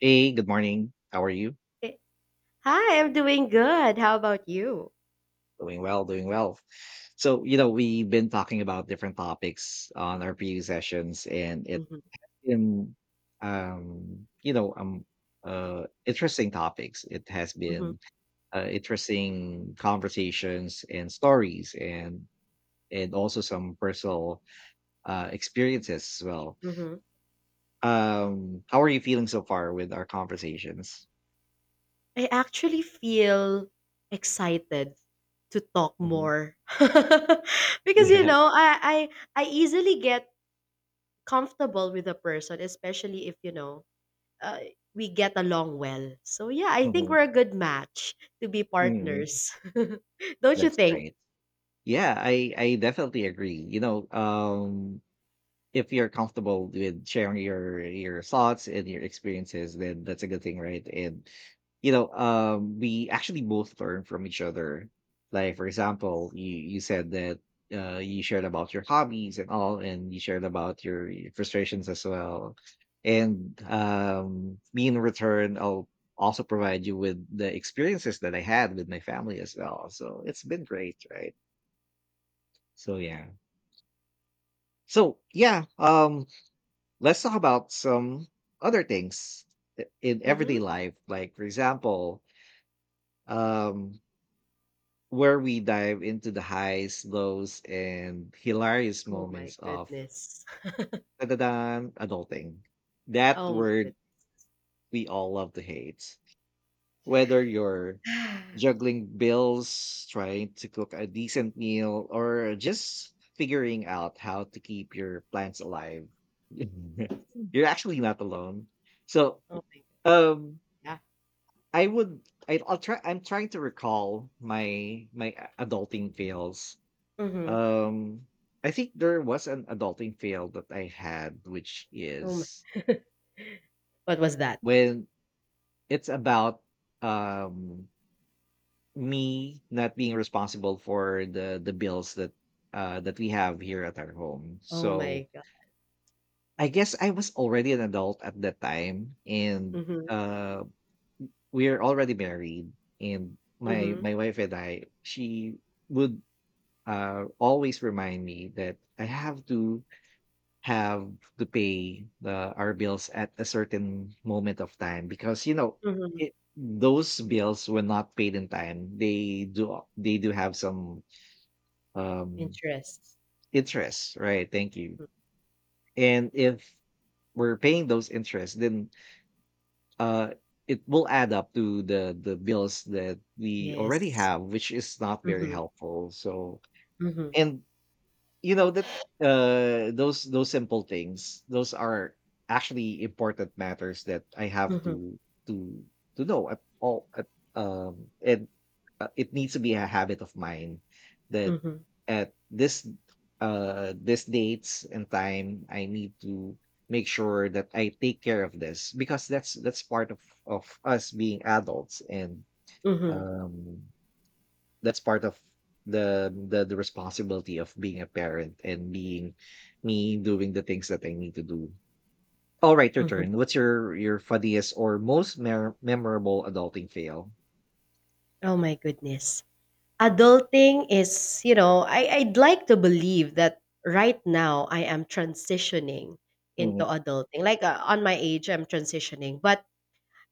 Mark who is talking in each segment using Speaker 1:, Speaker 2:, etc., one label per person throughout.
Speaker 1: Hey, good morning. How are you?
Speaker 2: Eh, Hi, I'm doing good. How about you?
Speaker 1: Doing well, doing well. So, you know, we've been talking about different topics on our previous sessions, and it
Speaker 2: Mhm,
Speaker 1: in um, you know, um, interesting topics. It has
Speaker 2: mhm,
Speaker 1: been interesting conversations and stories, and also some personal experiences as well.
Speaker 2: mhm.
Speaker 1: How are you feeling so far with our conversations?
Speaker 2: I actually feel excited to talk
Speaker 1: Mhm.
Speaker 2: more because you
Speaker 1: Yeah.
Speaker 2: know I, I easily get comfortable with a person, especially if you know uh, we get along well. So yeah, I think
Speaker 1: Mhm.
Speaker 2: we're a good match to be
Speaker 1: Mhm.
Speaker 2: partners, don't you
Speaker 1: That's
Speaker 2: think?
Speaker 1: great. Yeah, I definitely agree. If you're comfortable with sharing your thoughts and your experiences, then that's a good thing, right? And we actually both learn from each other. Like for example, you said that you shared about your hobbies and all, and you shared about your frustrations as well. And me in return, I'll also provide you with the experiences that I had with my family as well. So it's been great, right? So yeah. So yeah, let's talk about some other things in
Speaker 2: Hmm.
Speaker 1: everyday life. Like for example, um, where we dive into the highs, lows, and hilarious
Speaker 2: Oh my
Speaker 1: moments of
Speaker 2: goodness!
Speaker 1: da-da-dan, adulting. That
Speaker 2: Oh my goodness!
Speaker 1: word we all love to hate. Whether you're juggling bills, trying to cook a decent meal, or just figuring out how to keep your plants alive, you're actually not alone. So,
Speaker 2: Oh my
Speaker 1: um,
Speaker 2: god!
Speaker 1: I would, I'll try. I'm trying to recall my adulting fails.
Speaker 2: Yeah. Hmm.
Speaker 1: Um, I think there was an adulting fail that I had, which
Speaker 2: Oh my,
Speaker 1: is
Speaker 2: what was that?
Speaker 1: when it's about um Me not being responsible for the bills that that we have here at our home.
Speaker 2: Oh
Speaker 1: So
Speaker 2: my god.
Speaker 1: I guess I was already an adult at that time, and
Speaker 2: Mhm,
Speaker 1: uh we're already married, and my
Speaker 2: mhm,
Speaker 1: my wife and I, she would always remind me that I have to have pay the our bills at a certain moment of time, because you know,
Speaker 2: mhm.
Speaker 1: it, those bills were not paid in time, they do have some um
Speaker 2: Interests.
Speaker 1: interest, right? Thank you.
Speaker 2: Mm,
Speaker 1: And if we're paying those interests, then uh it will add up to the bills that we already
Speaker 2: yes.
Speaker 1: have, which is not very
Speaker 2: Mhm,
Speaker 1: helpful. So
Speaker 2: mhm,
Speaker 1: and you know that those simple things, those are actually important matters that I have
Speaker 2: mhm,
Speaker 1: to to know at all And it needs to be a habit of mine, that
Speaker 2: mhm,
Speaker 1: at this this dates and time, I need to make sure that I take care of this, because that's part of us being adults. And
Speaker 2: mhm,
Speaker 1: um that's part of the responsibility of being a parent and being me doing the things that I need to do. All right, your
Speaker 2: mhm.
Speaker 1: turn. What's your funniest or most memorable adulting fail?
Speaker 2: Oh my goodness. Adulting is, I I'd like to believe that right now I am transitioning into
Speaker 1: Hmm.
Speaker 2: adulting. Like on my age I'm transitioning, but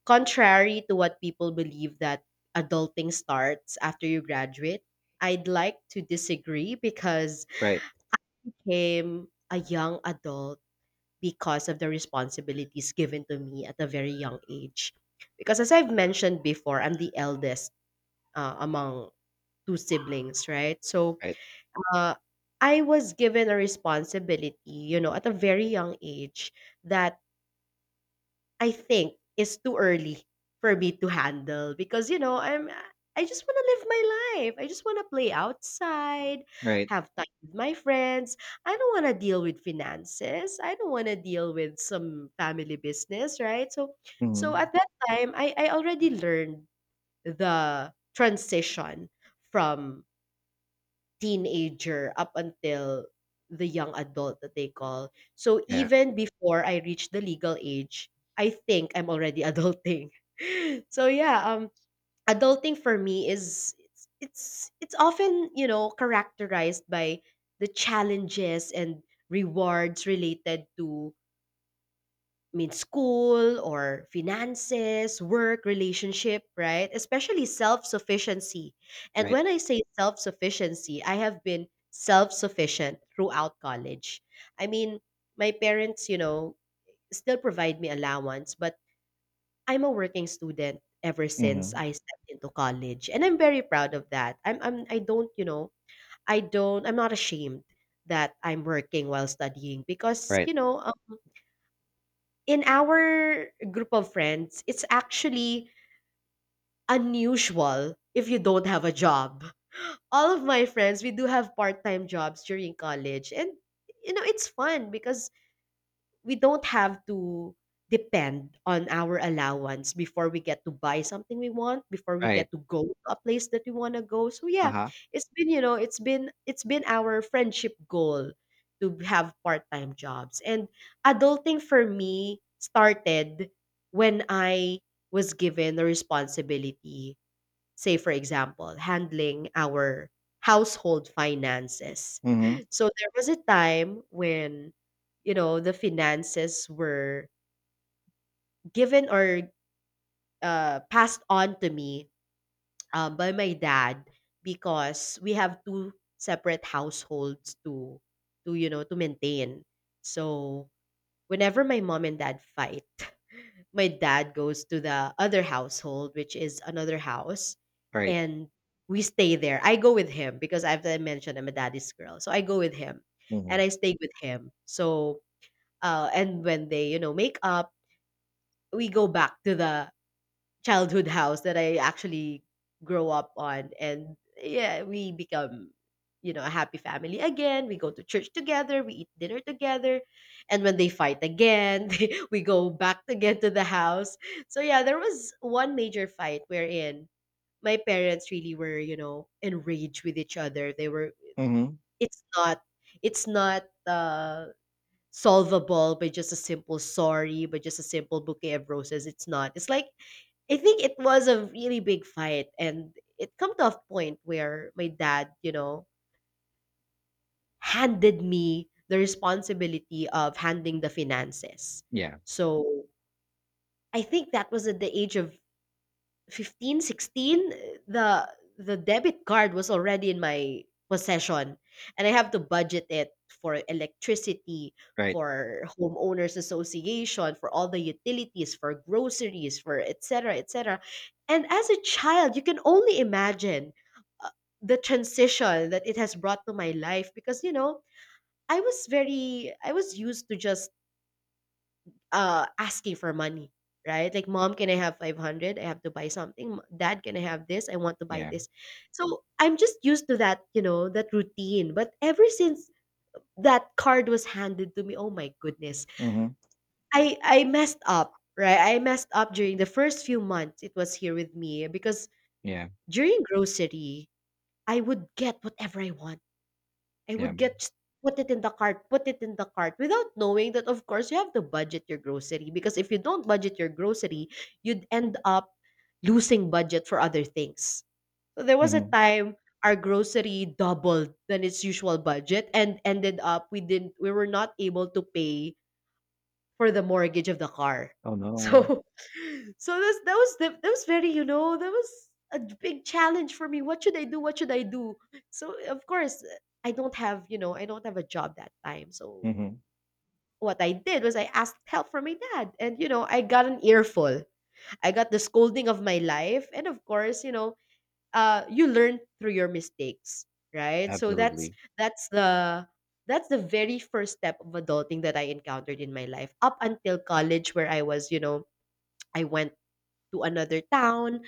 Speaker 2: contrary to what people believe that adulting starts after you graduate, I'd like to disagree because
Speaker 1: Right,
Speaker 2: I became a young adult because of the responsibilities given to me at a very young age. Because as I've mentioned before, I'm the eldest among two siblings, right? So
Speaker 1: right,
Speaker 2: uh, I was given a responsibility, at a very young age that I think it's too early for me to handle because I just want to live my life. I just want to play outside,
Speaker 1: right.
Speaker 2: have time with my friends. I don't want to deal with finances. I don't want to deal with some family business, right? So
Speaker 1: Hmm.
Speaker 2: at that time I already learned the transition from teenager up until the young adult that they call. So
Speaker 1: Yeah,
Speaker 2: even before I reach the legal age, I think I'm already adulting. So yeah, adulting for me is it's often, characterized by the challenges and rewards related to I mean, school or finances, work, relationship, right? Especially self sufficiency. And
Speaker 1: right.
Speaker 2: when I say self sufficiency, I have been self sufficient throughout college. I mean, my parents, still provide me allowance, but I'm a working student ever since
Speaker 1: Hmm,
Speaker 2: I stepped into college. And I'm very proud of that. I'm, I don't, I'm not ashamed that I'm working while studying because,
Speaker 1: right,
Speaker 2: in our group of friends, it's actually unusual if you don't have a job. All of my friends, we do have part-time jobs during college and it's fun because we don't have to depend on our allowance before we get to buy something we want before we
Speaker 1: right.
Speaker 2: get to go to a place that we want to go. So
Speaker 1: Uh
Speaker 2: yeah,
Speaker 1: huh.
Speaker 2: it's been you know it's been our friendship goal to have part-time jobs. And adulting for me started when I was given the responsibility, say for example, handling our household finances.
Speaker 1: Hmm.
Speaker 2: So there was a time when, the finances were given or passed on to me by my dad because we have two separate households to maintain. So whenever my mom and dad fight, my dad goes to the other household, which is another house,
Speaker 1: Right.
Speaker 2: and we stay there. I go with him because I mentioned I'm a daddy's girl, so I go with him, and
Speaker 1: Mm-hmm.
Speaker 2: I stay with him. So, and when they make up, we go back to the childhood house that I actually grow up on. And yeah, we become a happy family again. We go to church together, we eat dinner together, and when they fight again, we go back again to the house. So yeah, there was one major fight wherein my parents really were, enraged with each other. They were
Speaker 1: Hmm.
Speaker 2: it's not it's not solvable by just a simple sorry, by just a simple bouquet of roses. It's not. It's like I think it was a really big fight, and it come to a point where my dad, handed me the responsibility of handling the finances.
Speaker 1: Yeah.
Speaker 2: So I think that was at the age of 15, 16. the the debit card was already in my possession, and I have to budget it for electricity,
Speaker 1: Right.
Speaker 2: for homeowners association, for all the utilities, for groceries, for etc etc. And as a child you can only imagine uh, the transition that it has brought to my life because you know I was very I was used to just asking for money, right? Like, "Mom, can I have 500? I have to buy something. M- Dad, can I have this? I want to buy
Speaker 1: Yeah.
Speaker 2: this." So I'm just used to that, that routine. But ever since that card was handed to me, oh my goodness,
Speaker 1: Mm-hmm.
Speaker 2: I messed up, right? I messed up during the first few months it was here with me because
Speaker 1: Yeah.
Speaker 2: during grocery, I would get whatever I want I
Speaker 1: Yeah.
Speaker 2: would get just put it in the cart, put it in the cart without knowing that of course you have to budget your grocery, because if you don't budget your grocery, you'd end up losing budget for other things. So there was a
Speaker 1: Mm-hmm.
Speaker 2: time our grocery doubled than its usual budget, and ended up we were not able to pay for the mortgage of the car.
Speaker 1: Oh
Speaker 2: So,
Speaker 1: no.
Speaker 2: so that was very that was a big challenge for me. What should I do? What should I do? So of course I don't have a job that time. So
Speaker 1: Mm-hmm.
Speaker 2: what I did was I asked help from my dad, and you know I got an earful. I got the scolding of my life, and of course you learn through your mistakes, right? So
Speaker 1: Absolutely.
Speaker 2: that's the that's the very first step of adulting that I encountered in my life up until college where I was, I went to another town.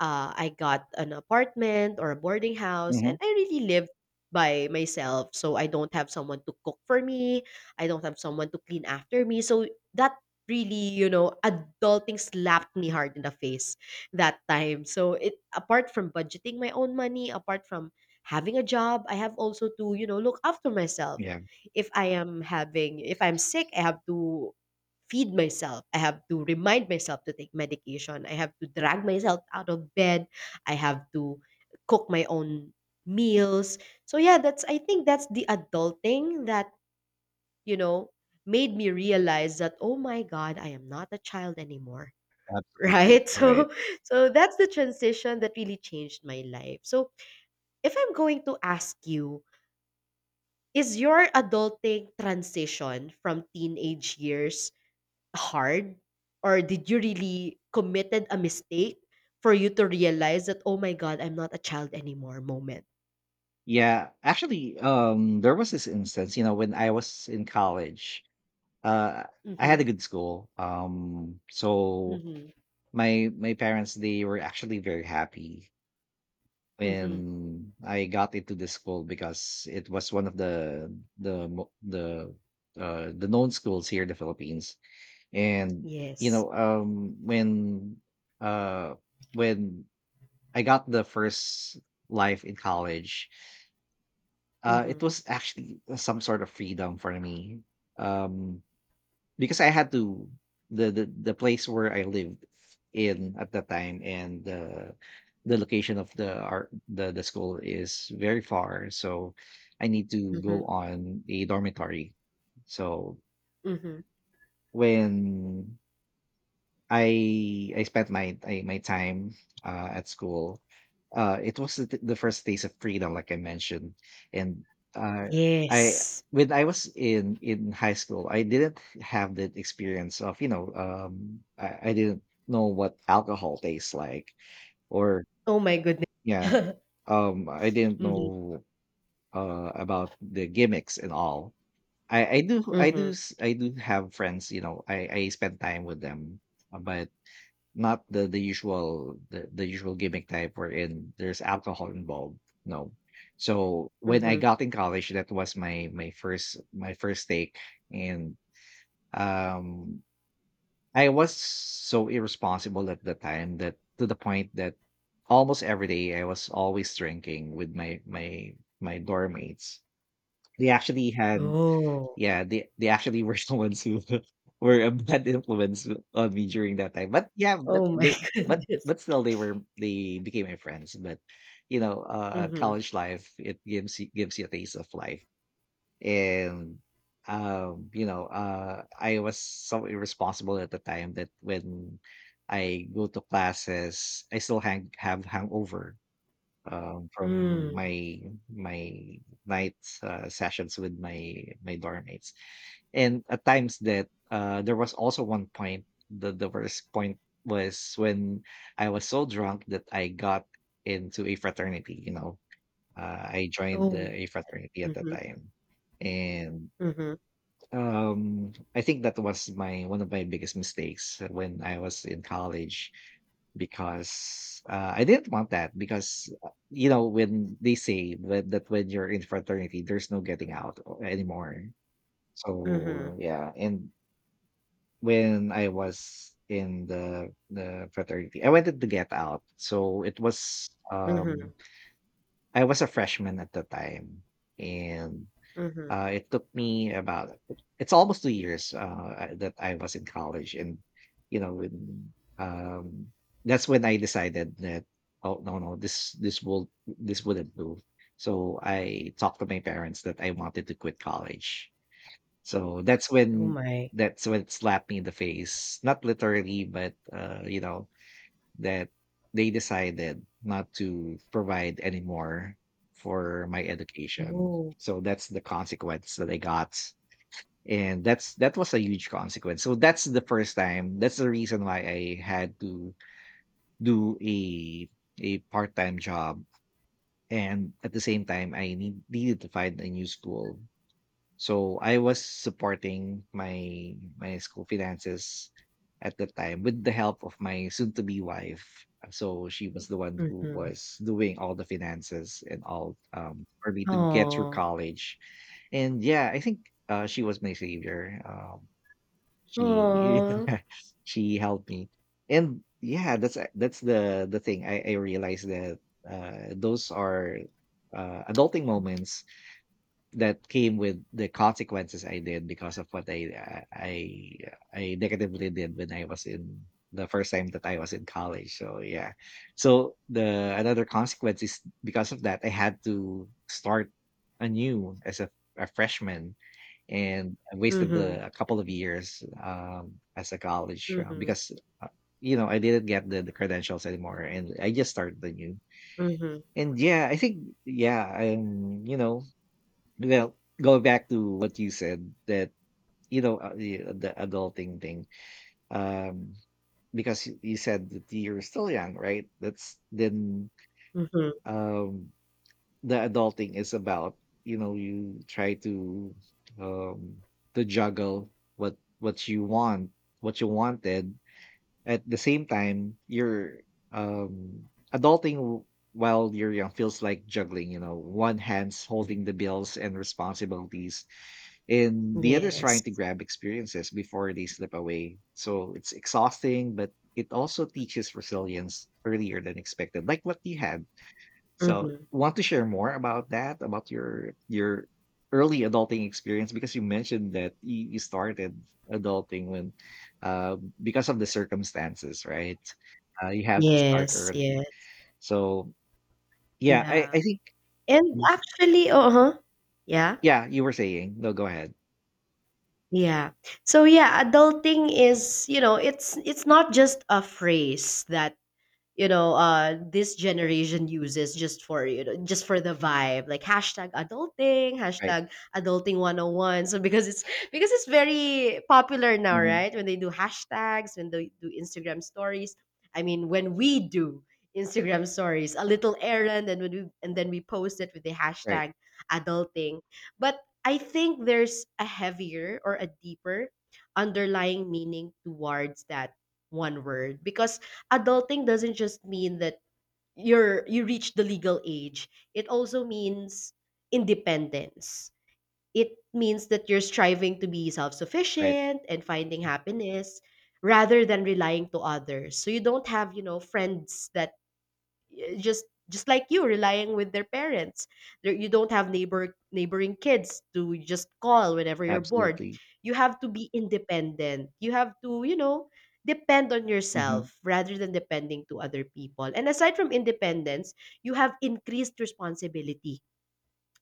Speaker 2: I got an apartment or a boarding house,
Speaker 1: Mm-hmm.
Speaker 2: and I really lived by myself. So I don't have someone to cook for me. I don't have someone to clean after me. So that really, adulting slapped me hard in the face that time. So it apart from budgeting my own money, apart from having a job, I have also to, look after myself.
Speaker 1: Yeah.
Speaker 2: If I'm sick, I have to feed myself. I have to remind myself to take medication. I have to drag myself out of bed. I have to cook my own meals. So yeah, that's I think that's the adulting that, you know, made me realize that oh my god, I am not a child anymore.
Speaker 1: Absolutely.
Speaker 2: Right? So
Speaker 1: Right.
Speaker 2: so that's the transition that really changed my life. So if I'm going to ask you, is your adulting transition from teenage years hard? Or did you really committed a mistake for you to realize that, "Oh my God, I'm not a child anymore," moment?
Speaker 1: Yeah, actually, there was this instance, when I was in college, uh, I had
Speaker 2: Mhm,
Speaker 1: a good school. Um, so
Speaker 2: mhm,
Speaker 1: my my parents, they were actually very happy
Speaker 2: mhm.
Speaker 1: when I got into this school, because it was one of the mo- the known schools here in the Philippines. And you
Speaker 2: Yes.
Speaker 1: know, uh, when I got the first life in college. It
Speaker 2: Mhm,
Speaker 1: was actually some sort of freedom for me, um, because I had to the place where I lived in at that time, and the location of the art the school is very far, so I need to go
Speaker 2: mhm,
Speaker 1: on a dormitory. So
Speaker 2: mhm.
Speaker 1: when I spent my time at school. It was the, first days of freedom, like I mentioned, and uh, I
Speaker 2: Yes.
Speaker 1: when I was in high school, I didn't have that experience of I didn't know what alcohol tastes like, or
Speaker 2: Oh my goodness.
Speaker 1: yeah, I didn't
Speaker 2: Mhm,
Speaker 1: know about the gimmicks and all. I, I do I do
Speaker 2: mhm,
Speaker 1: s- I do have friends. I spend time with them, but not the usual the usual gimmick type wherein there's alcohol involved, no. So, when I
Speaker 2: mhm.
Speaker 1: got in college, that was my first take, and, um, I was so irresponsible at the time, that to the point that almost every day I was always drinking with my dorm mates. They actually had,
Speaker 2: Oh.
Speaker 1: yeah, they actually were the ones who were a bad influence on me during that time. But yeah, but
Speaker 2: Oh my
Speaker 1: they but
Speaker 2: goodness.
Speaker 1: but still they became my friends. But
Speaker 2: Mhm,
Speaker 1: college life, it gives you a taste of life. And I was so irresponsible at the time that when I go to classes, I still hangover from
Speaker 2: mm.
Speaker 1: my night sessions with my dorm mates. And at times that there was also one point, the worst point was when I was so drunk that I got into a fraternity. I joined
Speaker 2: Oh my
Speaker 1: a fraternity at that
Speaker 2: mhm,
Speaker 1: time, and
Speaker 2: mhm,
Speaker 1: I think that was my one of my biggest mistakes when I was in college, because I didn't want that, because you know when they say that, when you're in fraternity there's no getting out anymore.
Speaker 2: mhm,
Speaker 1: So yeah, and when I was in the fraternity, I wanted to get out. So it was
Speaker 2: mhm,
Speaker 1: I was a freshman at the time, and
Speaker 2: mhm.
Speaker 1: it took me about it's almost 2 years, that I was in college, and, you know, when, um that's when I decided that, "Oh, no, no, this wouldn't do." So I talked to my parents that I wanted to quit college. So
Speaker 2: Oh my.
Speaker 1: that's when it slapped me in the face, not literally, but, that they decided not to provide anymore for my education.
Speaker 2: Oh.
Speaker 1: So that's the consequence that I got. And that was a huge consequence. So that's the first time. That's the reason why I had to do a part-time job. And at the same time, needed to find a new school, so I was supporting my school finances at the time with the help of my soon to be wife. So she was the one who
Speaker 2: Mhm.
Speaker 1: was doing all the finances and all, for me to get through
Speaker 2: Aw.
Speaker 1: college. And yeah, I think she was my savior. She
Speaker 2: Aw.
Speaker 1: she helped me. And yeah, that's the thing. I realized that those are adulting moments that came with the consequences I did because of what I I negatively did when I was in the first time that I was in college. So yeah. So the another consequence is, because of that, I had to start anew as a freshman, and I wasted
Speaker 2: Mhm.
Speaker 1: the a couple of years as a college,
Speaker 2: Mhm,
Speaker 1: because uh, I didn't get the credentials anymore, and I just started anew.
Speaker 2: mhm,
Speaker 1: And yeah, I think going back to what you said, that the adulting thing, um, because you said that you're still young, right? That's then
Speaker 2: mhm.
Speaker 1: um, the adulting is about, you try um, to juggle what you want, what you wanted. At the same time, you're adulting while you're young feels like juggling, you know, one hand's holding the bills and responsibilities, and the other's trying to
Speaker 2: Yes.
Speaker 1: grab experiences before they slip away. So it's exhausting, but it also teaches resilience earlier than expected, like what you had. So
Speaker 2: Mhm.
Speaker 1: want to share more about that, about your early adulting experience, because you mentioned that you started adulting when uh, because of the circumstances, right? You have to start
Speaker 2: Yes, yes,
Speaker 1: early. So yeah, I,
Speaker 2: yeah.
Speaker 1: I think
Speaker 2: And actually uh-huh. Yeah,
Speaker 1: yeah, you were saying. No, go ahead.
Speaker 2: yeah. So yeah, adulting is, it's not just a phrase that this generation uses just for just for the vibe, like hashtag adulting,
Speaker 1: Right.
Speaker 2: hashtag adulting 101. So because it's very popular now,
Speaker 1: Mhm.
Speaker 2: right? When they do hashtags, when they do instagram stories, when we do instagram stories a little errand, and when we and then we post it with the
Speaker 1: Right.
Speaker 2: hashtag adulting. But I think there's a heavier or a deeper underlying meaning towards that one word, because adulting doesn't just mean that you reach the legal age. It also means independence. It means that you're striving to be
Speaker 1: Right.
Speaker 2: self-sufficient and finding happiness rather than relying to others. So you don't have you know friends that just like you relying with their parents there, you don't have neighboring kids to just call whenever you're bored.
Speaker 1: Absolutely.
Speaker 2: You have to be independent. You have to depend on
Speaker 1: Mhm.
Speaker 2: yourself rather than depending to other people. And aside from independence, you have increased responsibility.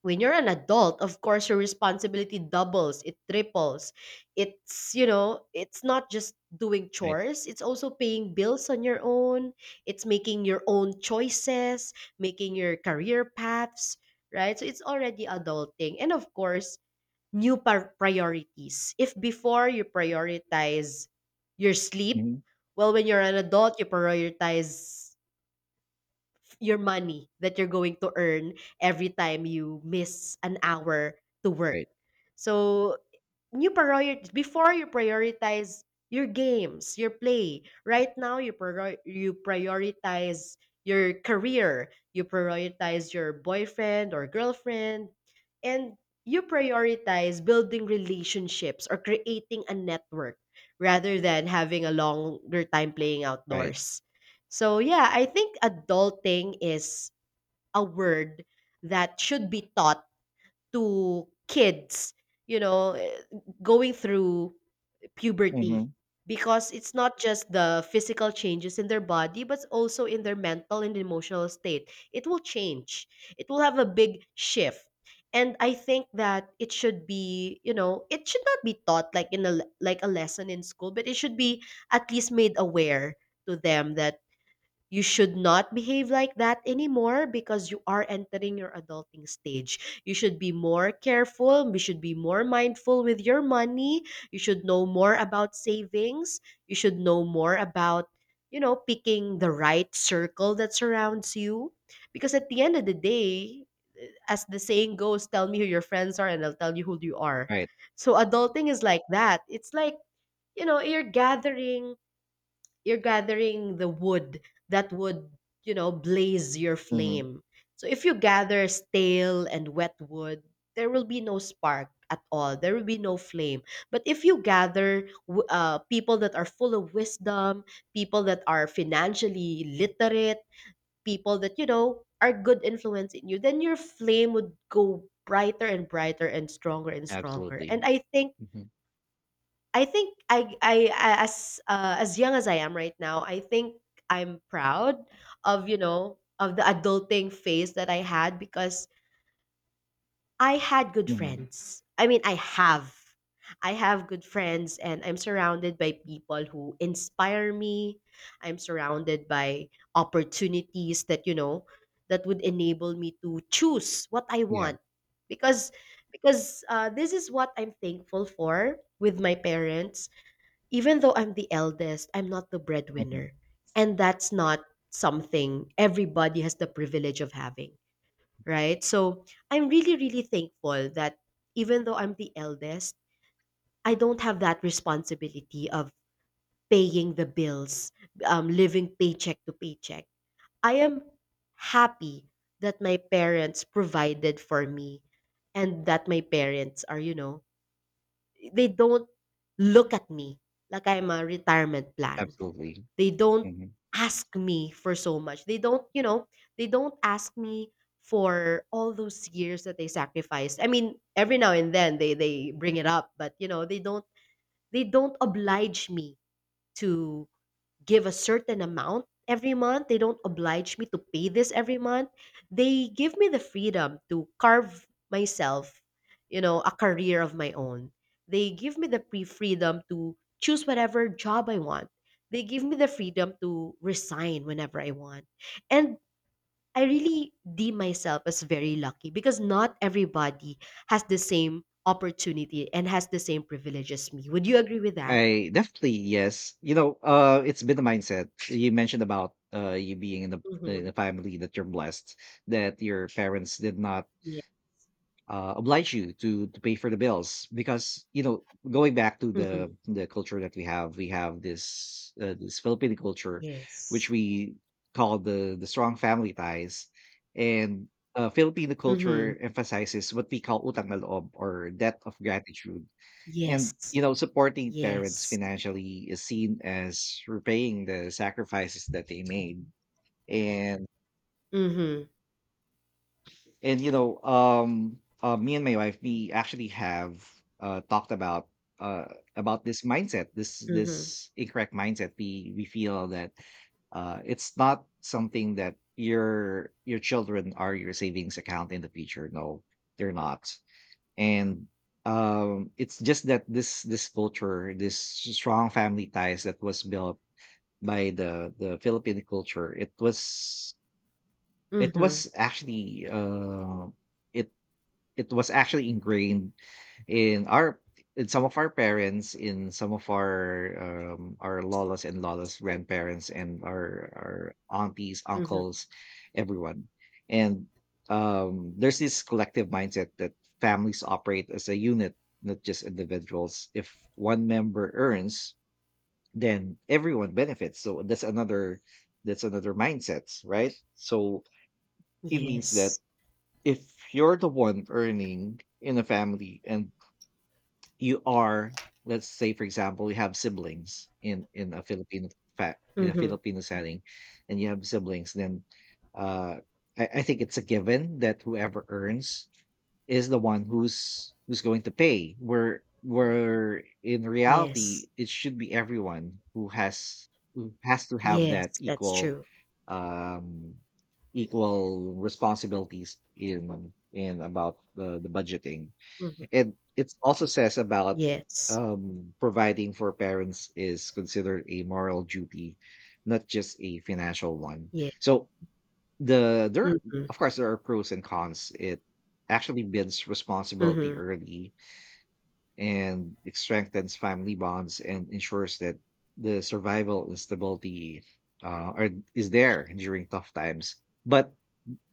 Speaker 2: When you're an adult, of course your responsibility doubles, it triples. It's it's not just doing
Speaker 1: Right.
Speaker 2: chores, it's also paying bills on your own. It's making your own choices, making your career paths, right? So it's already adulting. And of course, new priorities. If before you prioritize your sleep,
Speaker 1: Mhm.
Speaker 2: well, when you're an adult you prioritize your money that you're going to earn every time you miss an hour to work.
Speaker 1: Right.
Speaker 2: So new priority. Before you prioritize your games, your play. Right now you you prioritize your career, you prioritize your boyfriend or girlfriend, and you prioritize building relationships or creating a network rather than having a longer time playing
Speaker 1: Right.
Speaker 2: outdoors. So yeah, I think adulting is a word that should be taught to kids, you know, eh, going through puberty,
Speaker 1: Mhm.
Speaker 2: because it's not just the physical changes in their body but also in their mental and emotional state. It will change. It will have a big shift. And I think that it should be, you know, it should not be taught like like a lesson in school, but it should be at least made aware to them that you should not behave like that anymore because you are entering your adulting stage. You should be more careful. You should be more mindful with your money. You should know more about savings. You should know more about, you know, picking the right circle that surrounds you. Because at the end of the day, as the saying goes, tell me who your friends are and I'll tell you who you are.
Speaker 1: Right.
Speaker 2: So adulting is like that. It's like, you know, you're gathering the wood that would, you know, blaze your
Speaker 1: Mhm.
Speaker 2: flame. So if you gather stale and wet wood, there will be no spark at all. There will be no flame. But if you gather people that are full of wisdom, people that are financially literate, people that, you know, are good influence in you, then your flame would go brighter and brighter and stronger and stronger.
Speaker 1: Absolutely.
Speaker 2: And I think
Speaker 1: Mhm.
Speaker 2: I think I- as young as I am right now, I think I'm proud of, you know, of the adulting phase that I had because I had good
Speaker 1: Mhm.
Speaker 2: friends. I mean, I have. I have good friends and I'm surrounded by people who inspire me. I'm surrounded by opportunities that, you know, that would enable me to choose what I
Speaker 1: Yeah.
Speaker 2: want. Because because this is what I'm thankful for with my parents. Even though I'm the eldest, I'm not the
Speaker 1: Mhm.
Speaker 2: breadwinner. And that's not something everybody has the privilege of having, right? So I'm really, really thankful that even though I'm the eldest, I don't have that responsibility of paying the bills, living paycheck to paycheck. I am happy that my parents provided for me, and that my parents are, you know, they don't look at me like I'm a retirement plan,
Speaker 1: Absolutely.
Speaker 2: they don't
Speaker 1: Mhm.
Speaker 2: ask me for so much. They don't, you know, they don't ask me for all those years that they sacrificed. I mean, every now and then they bring it up, but you know, they don't oblige me to give a certain amount every month. They don't oblige me to pay this every month. They give me the freedom to carve myself, you know, a career of my own. They give me the freedom to choose whatever job I want. They give me the freedom to resign whenever I want. And I really deem myself as very lucky because not everybody has the same opportunity and has the same privilege as me. Would you agree with that?
Speaker 1: I definitely yes. It's been a mindset. You mentioned about you being in the in
Speaker 2: Mm-hmm.
Speaker 1: a family that you're blessed, that your parents did not
Speaker 2: Yeah.
Speaker 1: oblige you to pay for the bills because you know, going back to
Speaker 2: Mm-hmm.
Speaker 1: the culture that we have this this Filipino culture, which
Speaker 2: Yes.
Speaker 1: we call the strong family ties. And Filipino
Speaker 2: Mhm.
Speaker 1: culture emphasizes what we call utang na loob, or debt of gratitude. And you
Speaker 2: Yes.
Speaker 1: know, supporting parents
Speaker 2: Yes.
Speaker 1: financially is seen as repaying the sacrifices that they made. and
Speaker 2: Mhm.
Speaker 1: and you know, me and my wife, we actually have uh, talked about uh, about this mindset, this
Speaker 2: Mhm.
Speaker 1: incorrect mindset. We feel that uh, it's not something that your children are your savings account in the future. No, they're not. And um, it's just that this culture, this strong family ties that was built by the Philippine culture. It was, it
Speaker 2: Mhm.
Speaker 1: was actually uh, it it was actually ingrained in our, in some of our parents, in some of our lolas and lolas, grandparents, and our aunties,
Speaker 2: Mhm.
Speaker 1: uncles, everyone. And there's this collective mindset that families operate as a unit, not just individuals. If one member earns, then everyone benefits. So that's another, that's another mindset, right? So it means that
Speaker 2: Yes.
Speaker 1: if you're the one earning in a family, and you are, let's say, for example, you have siblings in a Filipino fa in a
Speaker 2: Mhm.
Speaker 1: Filipino setting, and you have siblings, then, uh, I think it's a given that whoever earns is the one who's going to pay, where in
Speaker 2: Yes.
Speaker 1: reality, it should be everyone who has, who has to have that
Speaker 2: Yes, that's
Speaker 1: equal,
Speaker 2: true.
Speaker 1: um, equal responsibilities in about the budgeting.
Speaker 2: Mhm.
Speaker 1: And it also says about
Speaker 2: Yes.
Speaker 1: providing for parents is considered a moral duty, not just a financial one.
Speaker 2: Yeah.
Speaker 1: So there,
Speaker 2: Mhm.
Speaker 1: of course, there are pros and cons. It actually builds responsibility
Speaker 2: Mhm.
Speaker 1: early, and it strengthens family bonds and ensures that the survival and stability are, is there during tough times. But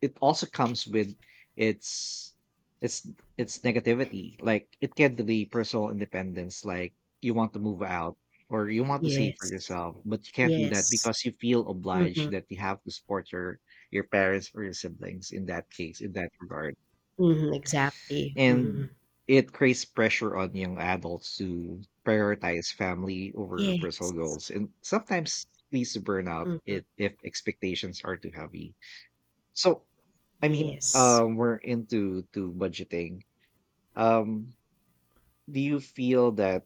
Speaker 1: it also comes with its its its negativity. Like, it can delay personal independence. Like, you want to move out or you want to save for
Speaker 2: Yes.
Speaker 1: yourself, but you can't do that
Speaker 2: Yes.
Speaker 1: because you feel
Speaker 2: Mhm.
Speaker 1: obliged that you have to support your parents or your siblings, in that case, in that regard.
Speaker 2: Mhm. Exactly. Mhm.
Speaker 1: And it creates pressure on young adults to prioritize family over personal
Speaker 2: Yes.
Speaker 1: goals, and sometimes leads to burnout
Speaker 2: Mhm.
Speaker 1: if expectations are too heavy. So I mean,
Speaker 2: Yes.
Speaker 1: we're into to budgeting. Um, do you feel that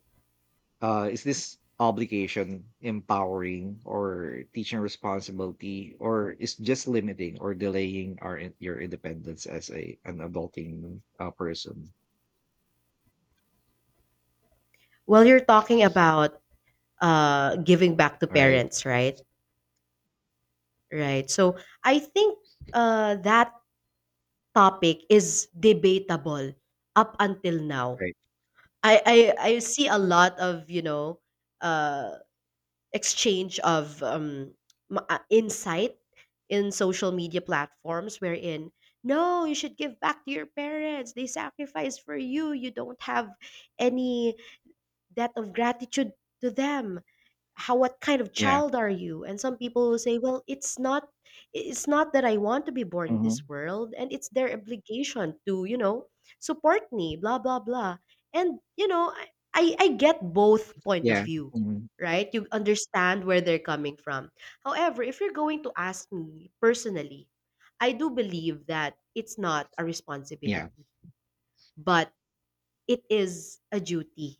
Speaker 1: is this obligation empowering or teaching responsibility, or is just limiting or delaying our your independence as a, an adulting person?
Speaker 2: Well, you're talking about giving back to
Speaker 1: Right.
Speaker 2: parents, right? Right. So I think that topic is debatable up until now.
Speaker 1: Right.
Speaker 2: I see a lot of, you know, uh, exchange of insight in social media platforms, wherein, no, you should give back to your parents, they sacrificed for you, you don't have any debt of gratitude to them, how, what kind of
Speaker 1: Yeah.
Speaker 2: child are you? And some people will say, well, it's not that I want to be born in this
Speaker 1: Mm-hmm.
Speaker 2: world and it's their obligation to, you know, support me, blah blah blah. And you know, I get both point of
Speaker 1: Yeah.
Speaker 2: view,
Speaker 1: Mm-hmm.
Speaker 2: right? You understand where they're coming from. However, if you're going to ask me personally, I do believe that it's not a
Speaker 1: Yeah.
Speaker 2: responsibility, but it is a duty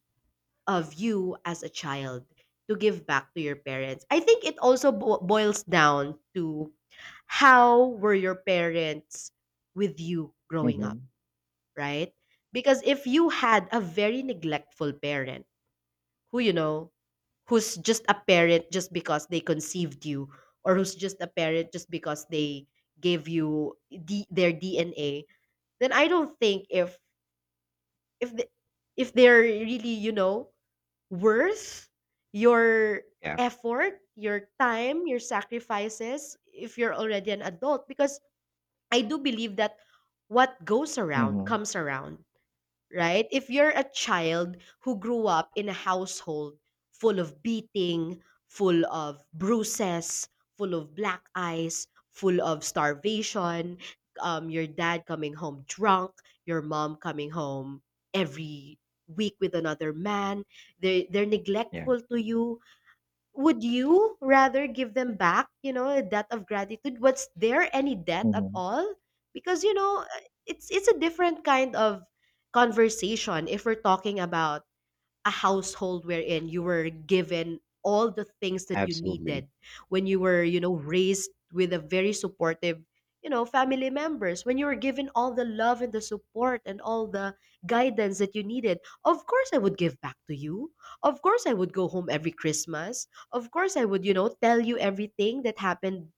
Speaker 2: of you as a child to give back to your parents. I think it also boils down to how were your parents with you growing up,
Speaker 1: Mm-hmm.
Speaker 2: right? Because if you had a very neglectful parent who, you know, who's just a parent just because they conceived you, or who's just a parent just because they gave you their DNA, then I don't think if the, if they're really, you know, worth your
Speaker 1: Yeah.
Speaker 2: effort, your time, your sacrifices if you're already an adult, because I do believe that what goes around
Speaker 1: Mm-hmm.
Speaker 2: comes around. Right? If you're a child who grew up in a household full of beating, full of bruises, full of black eyes, full of starvation, your dad coming home drunk, your mom coming home every week with another man, they're
Speaker 1: Yeah.
Speaker 2: neglectful to you, would you rather give them back, you know, a debt of gratitude? Was there any debt at
Speaker 1: Mm-hmm.
Speaker 2: all? Because you know, it's a different kind of conversation if we're talking about a household wherein you were given all the things that you
Speaker 1: Absolutely.
Speaker 2: needed, when you were, you know, raised with a very supportive, you know, family members, when you were given all the love and the support and all the guidance that you needed, of course I would give back to you. Of course I would go home every Christmas. Of course I would, you know, tell you everything that happened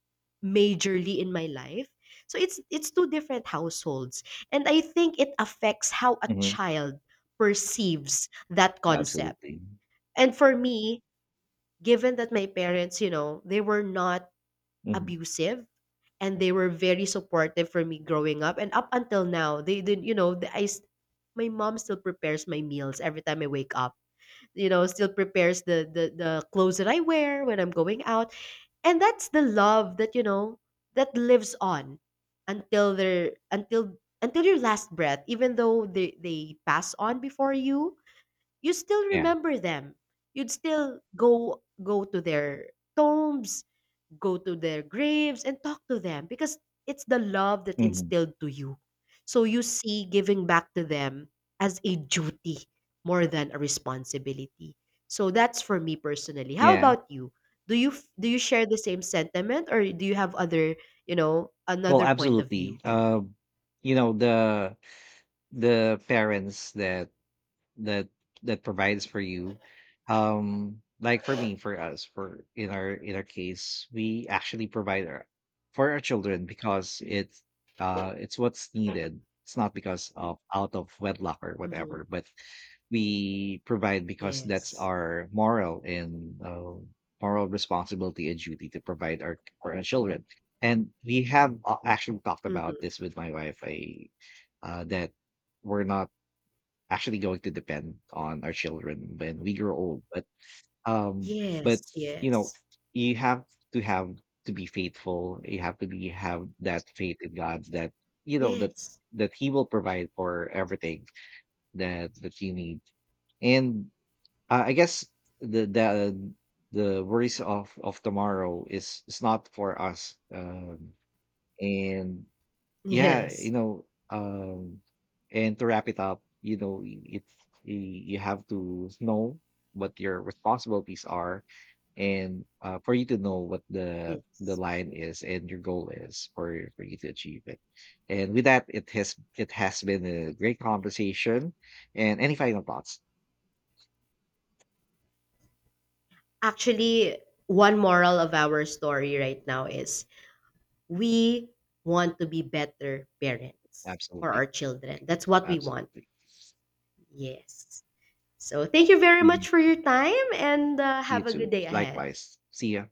Speaker 2: majorly in my life. So it's two different households, and I think it affects how a
Speaker 1: Mm-hmm.
Speaker 2: child perceives that concept.
Speaker 1: Absolutely.
Speaker 2: And for me, given that my parents, you know, they were not
Speaker 1: Mm-hmm.
Speaker 2: abusive and they were very supportive for me growing up and up until now, they didn't, you know, my mom still prepares my meals every time I wake up. You know, still prepares the clothes that I wear when I'm going out. And that's the love that, you know, that lives on until their until your last breath. Even though they pass on before you, you still
Speaker 1: Yeah.
Speaker 2: remember them. You'd still go to their tombs, go to their graves and talk to them because it's the love that
Speaker 1: Mm-hmm.
Speaker 2: instilled to you. So you see giving back to them as a duty more than a responsibility. So that's for me personally. How
Speaker 1: Yeah.
Speaker 2: about you? Do you share the same sentiment, or do you have other, you know,
Speaker 1: Well,
Speaker 2: another point of
Speaker 1: absolutely.
Speaker 2: view?
Speaker 1: You know, the parents that that that provides for you, um, like for me, for us, for in our case, we actually provide our, for our children, because it's uh, it's what's needed. It's not because of out of wedlock or
Speaker 2: Mhm.
Speaker 1: whatever, but we provide because that's
Speaker 2: Yes.
Speaker 1: our moral and moral responsibility and duty to provide our, for our children. And we have actually talked about
Speaker 2: Mhm.
Speaker 1: this with my wife. I that we're not actually going to depend on our children when we grow old. Um,
Speaker 2: Yes,
Speaker 1: but you know,
Speaker 2: yes.
Speaker 1: you have to, have to be faithful. You have to be, have that faith in God that you know that
Speaker 2: Yes.
Speaker 1: He will provide for everything that you need. And I guess the the worries of tomorrow is not for us. And yeah, you
Speaker 2: Yes.
Speaker 1: know, and to wrap it up, you know, it's y- you have to know what your responsibilities are, and for you to know what the
Speaker 2: Yes.
Speaker 1: line is, and your goal is for you to achieve it. And with that, it has, it has been a great conversation. And any final thoughts?
Speaker 2: Actually, one moral of our story right now is we want to be better parents for
Speaker 1: Absolutely,
Speaker 2: our children. That's what we want.
Speaker 1: absolutely.
Speaker 2: Yes. So thank you very
Speaker 1: Mhm.
Speaker 2: much for your time, and
Speaker 1: You
Speaker 2: have a good
Speaker 1: too.
Speaker 2: day ahead.
Speaker 1: Likewise. See ya.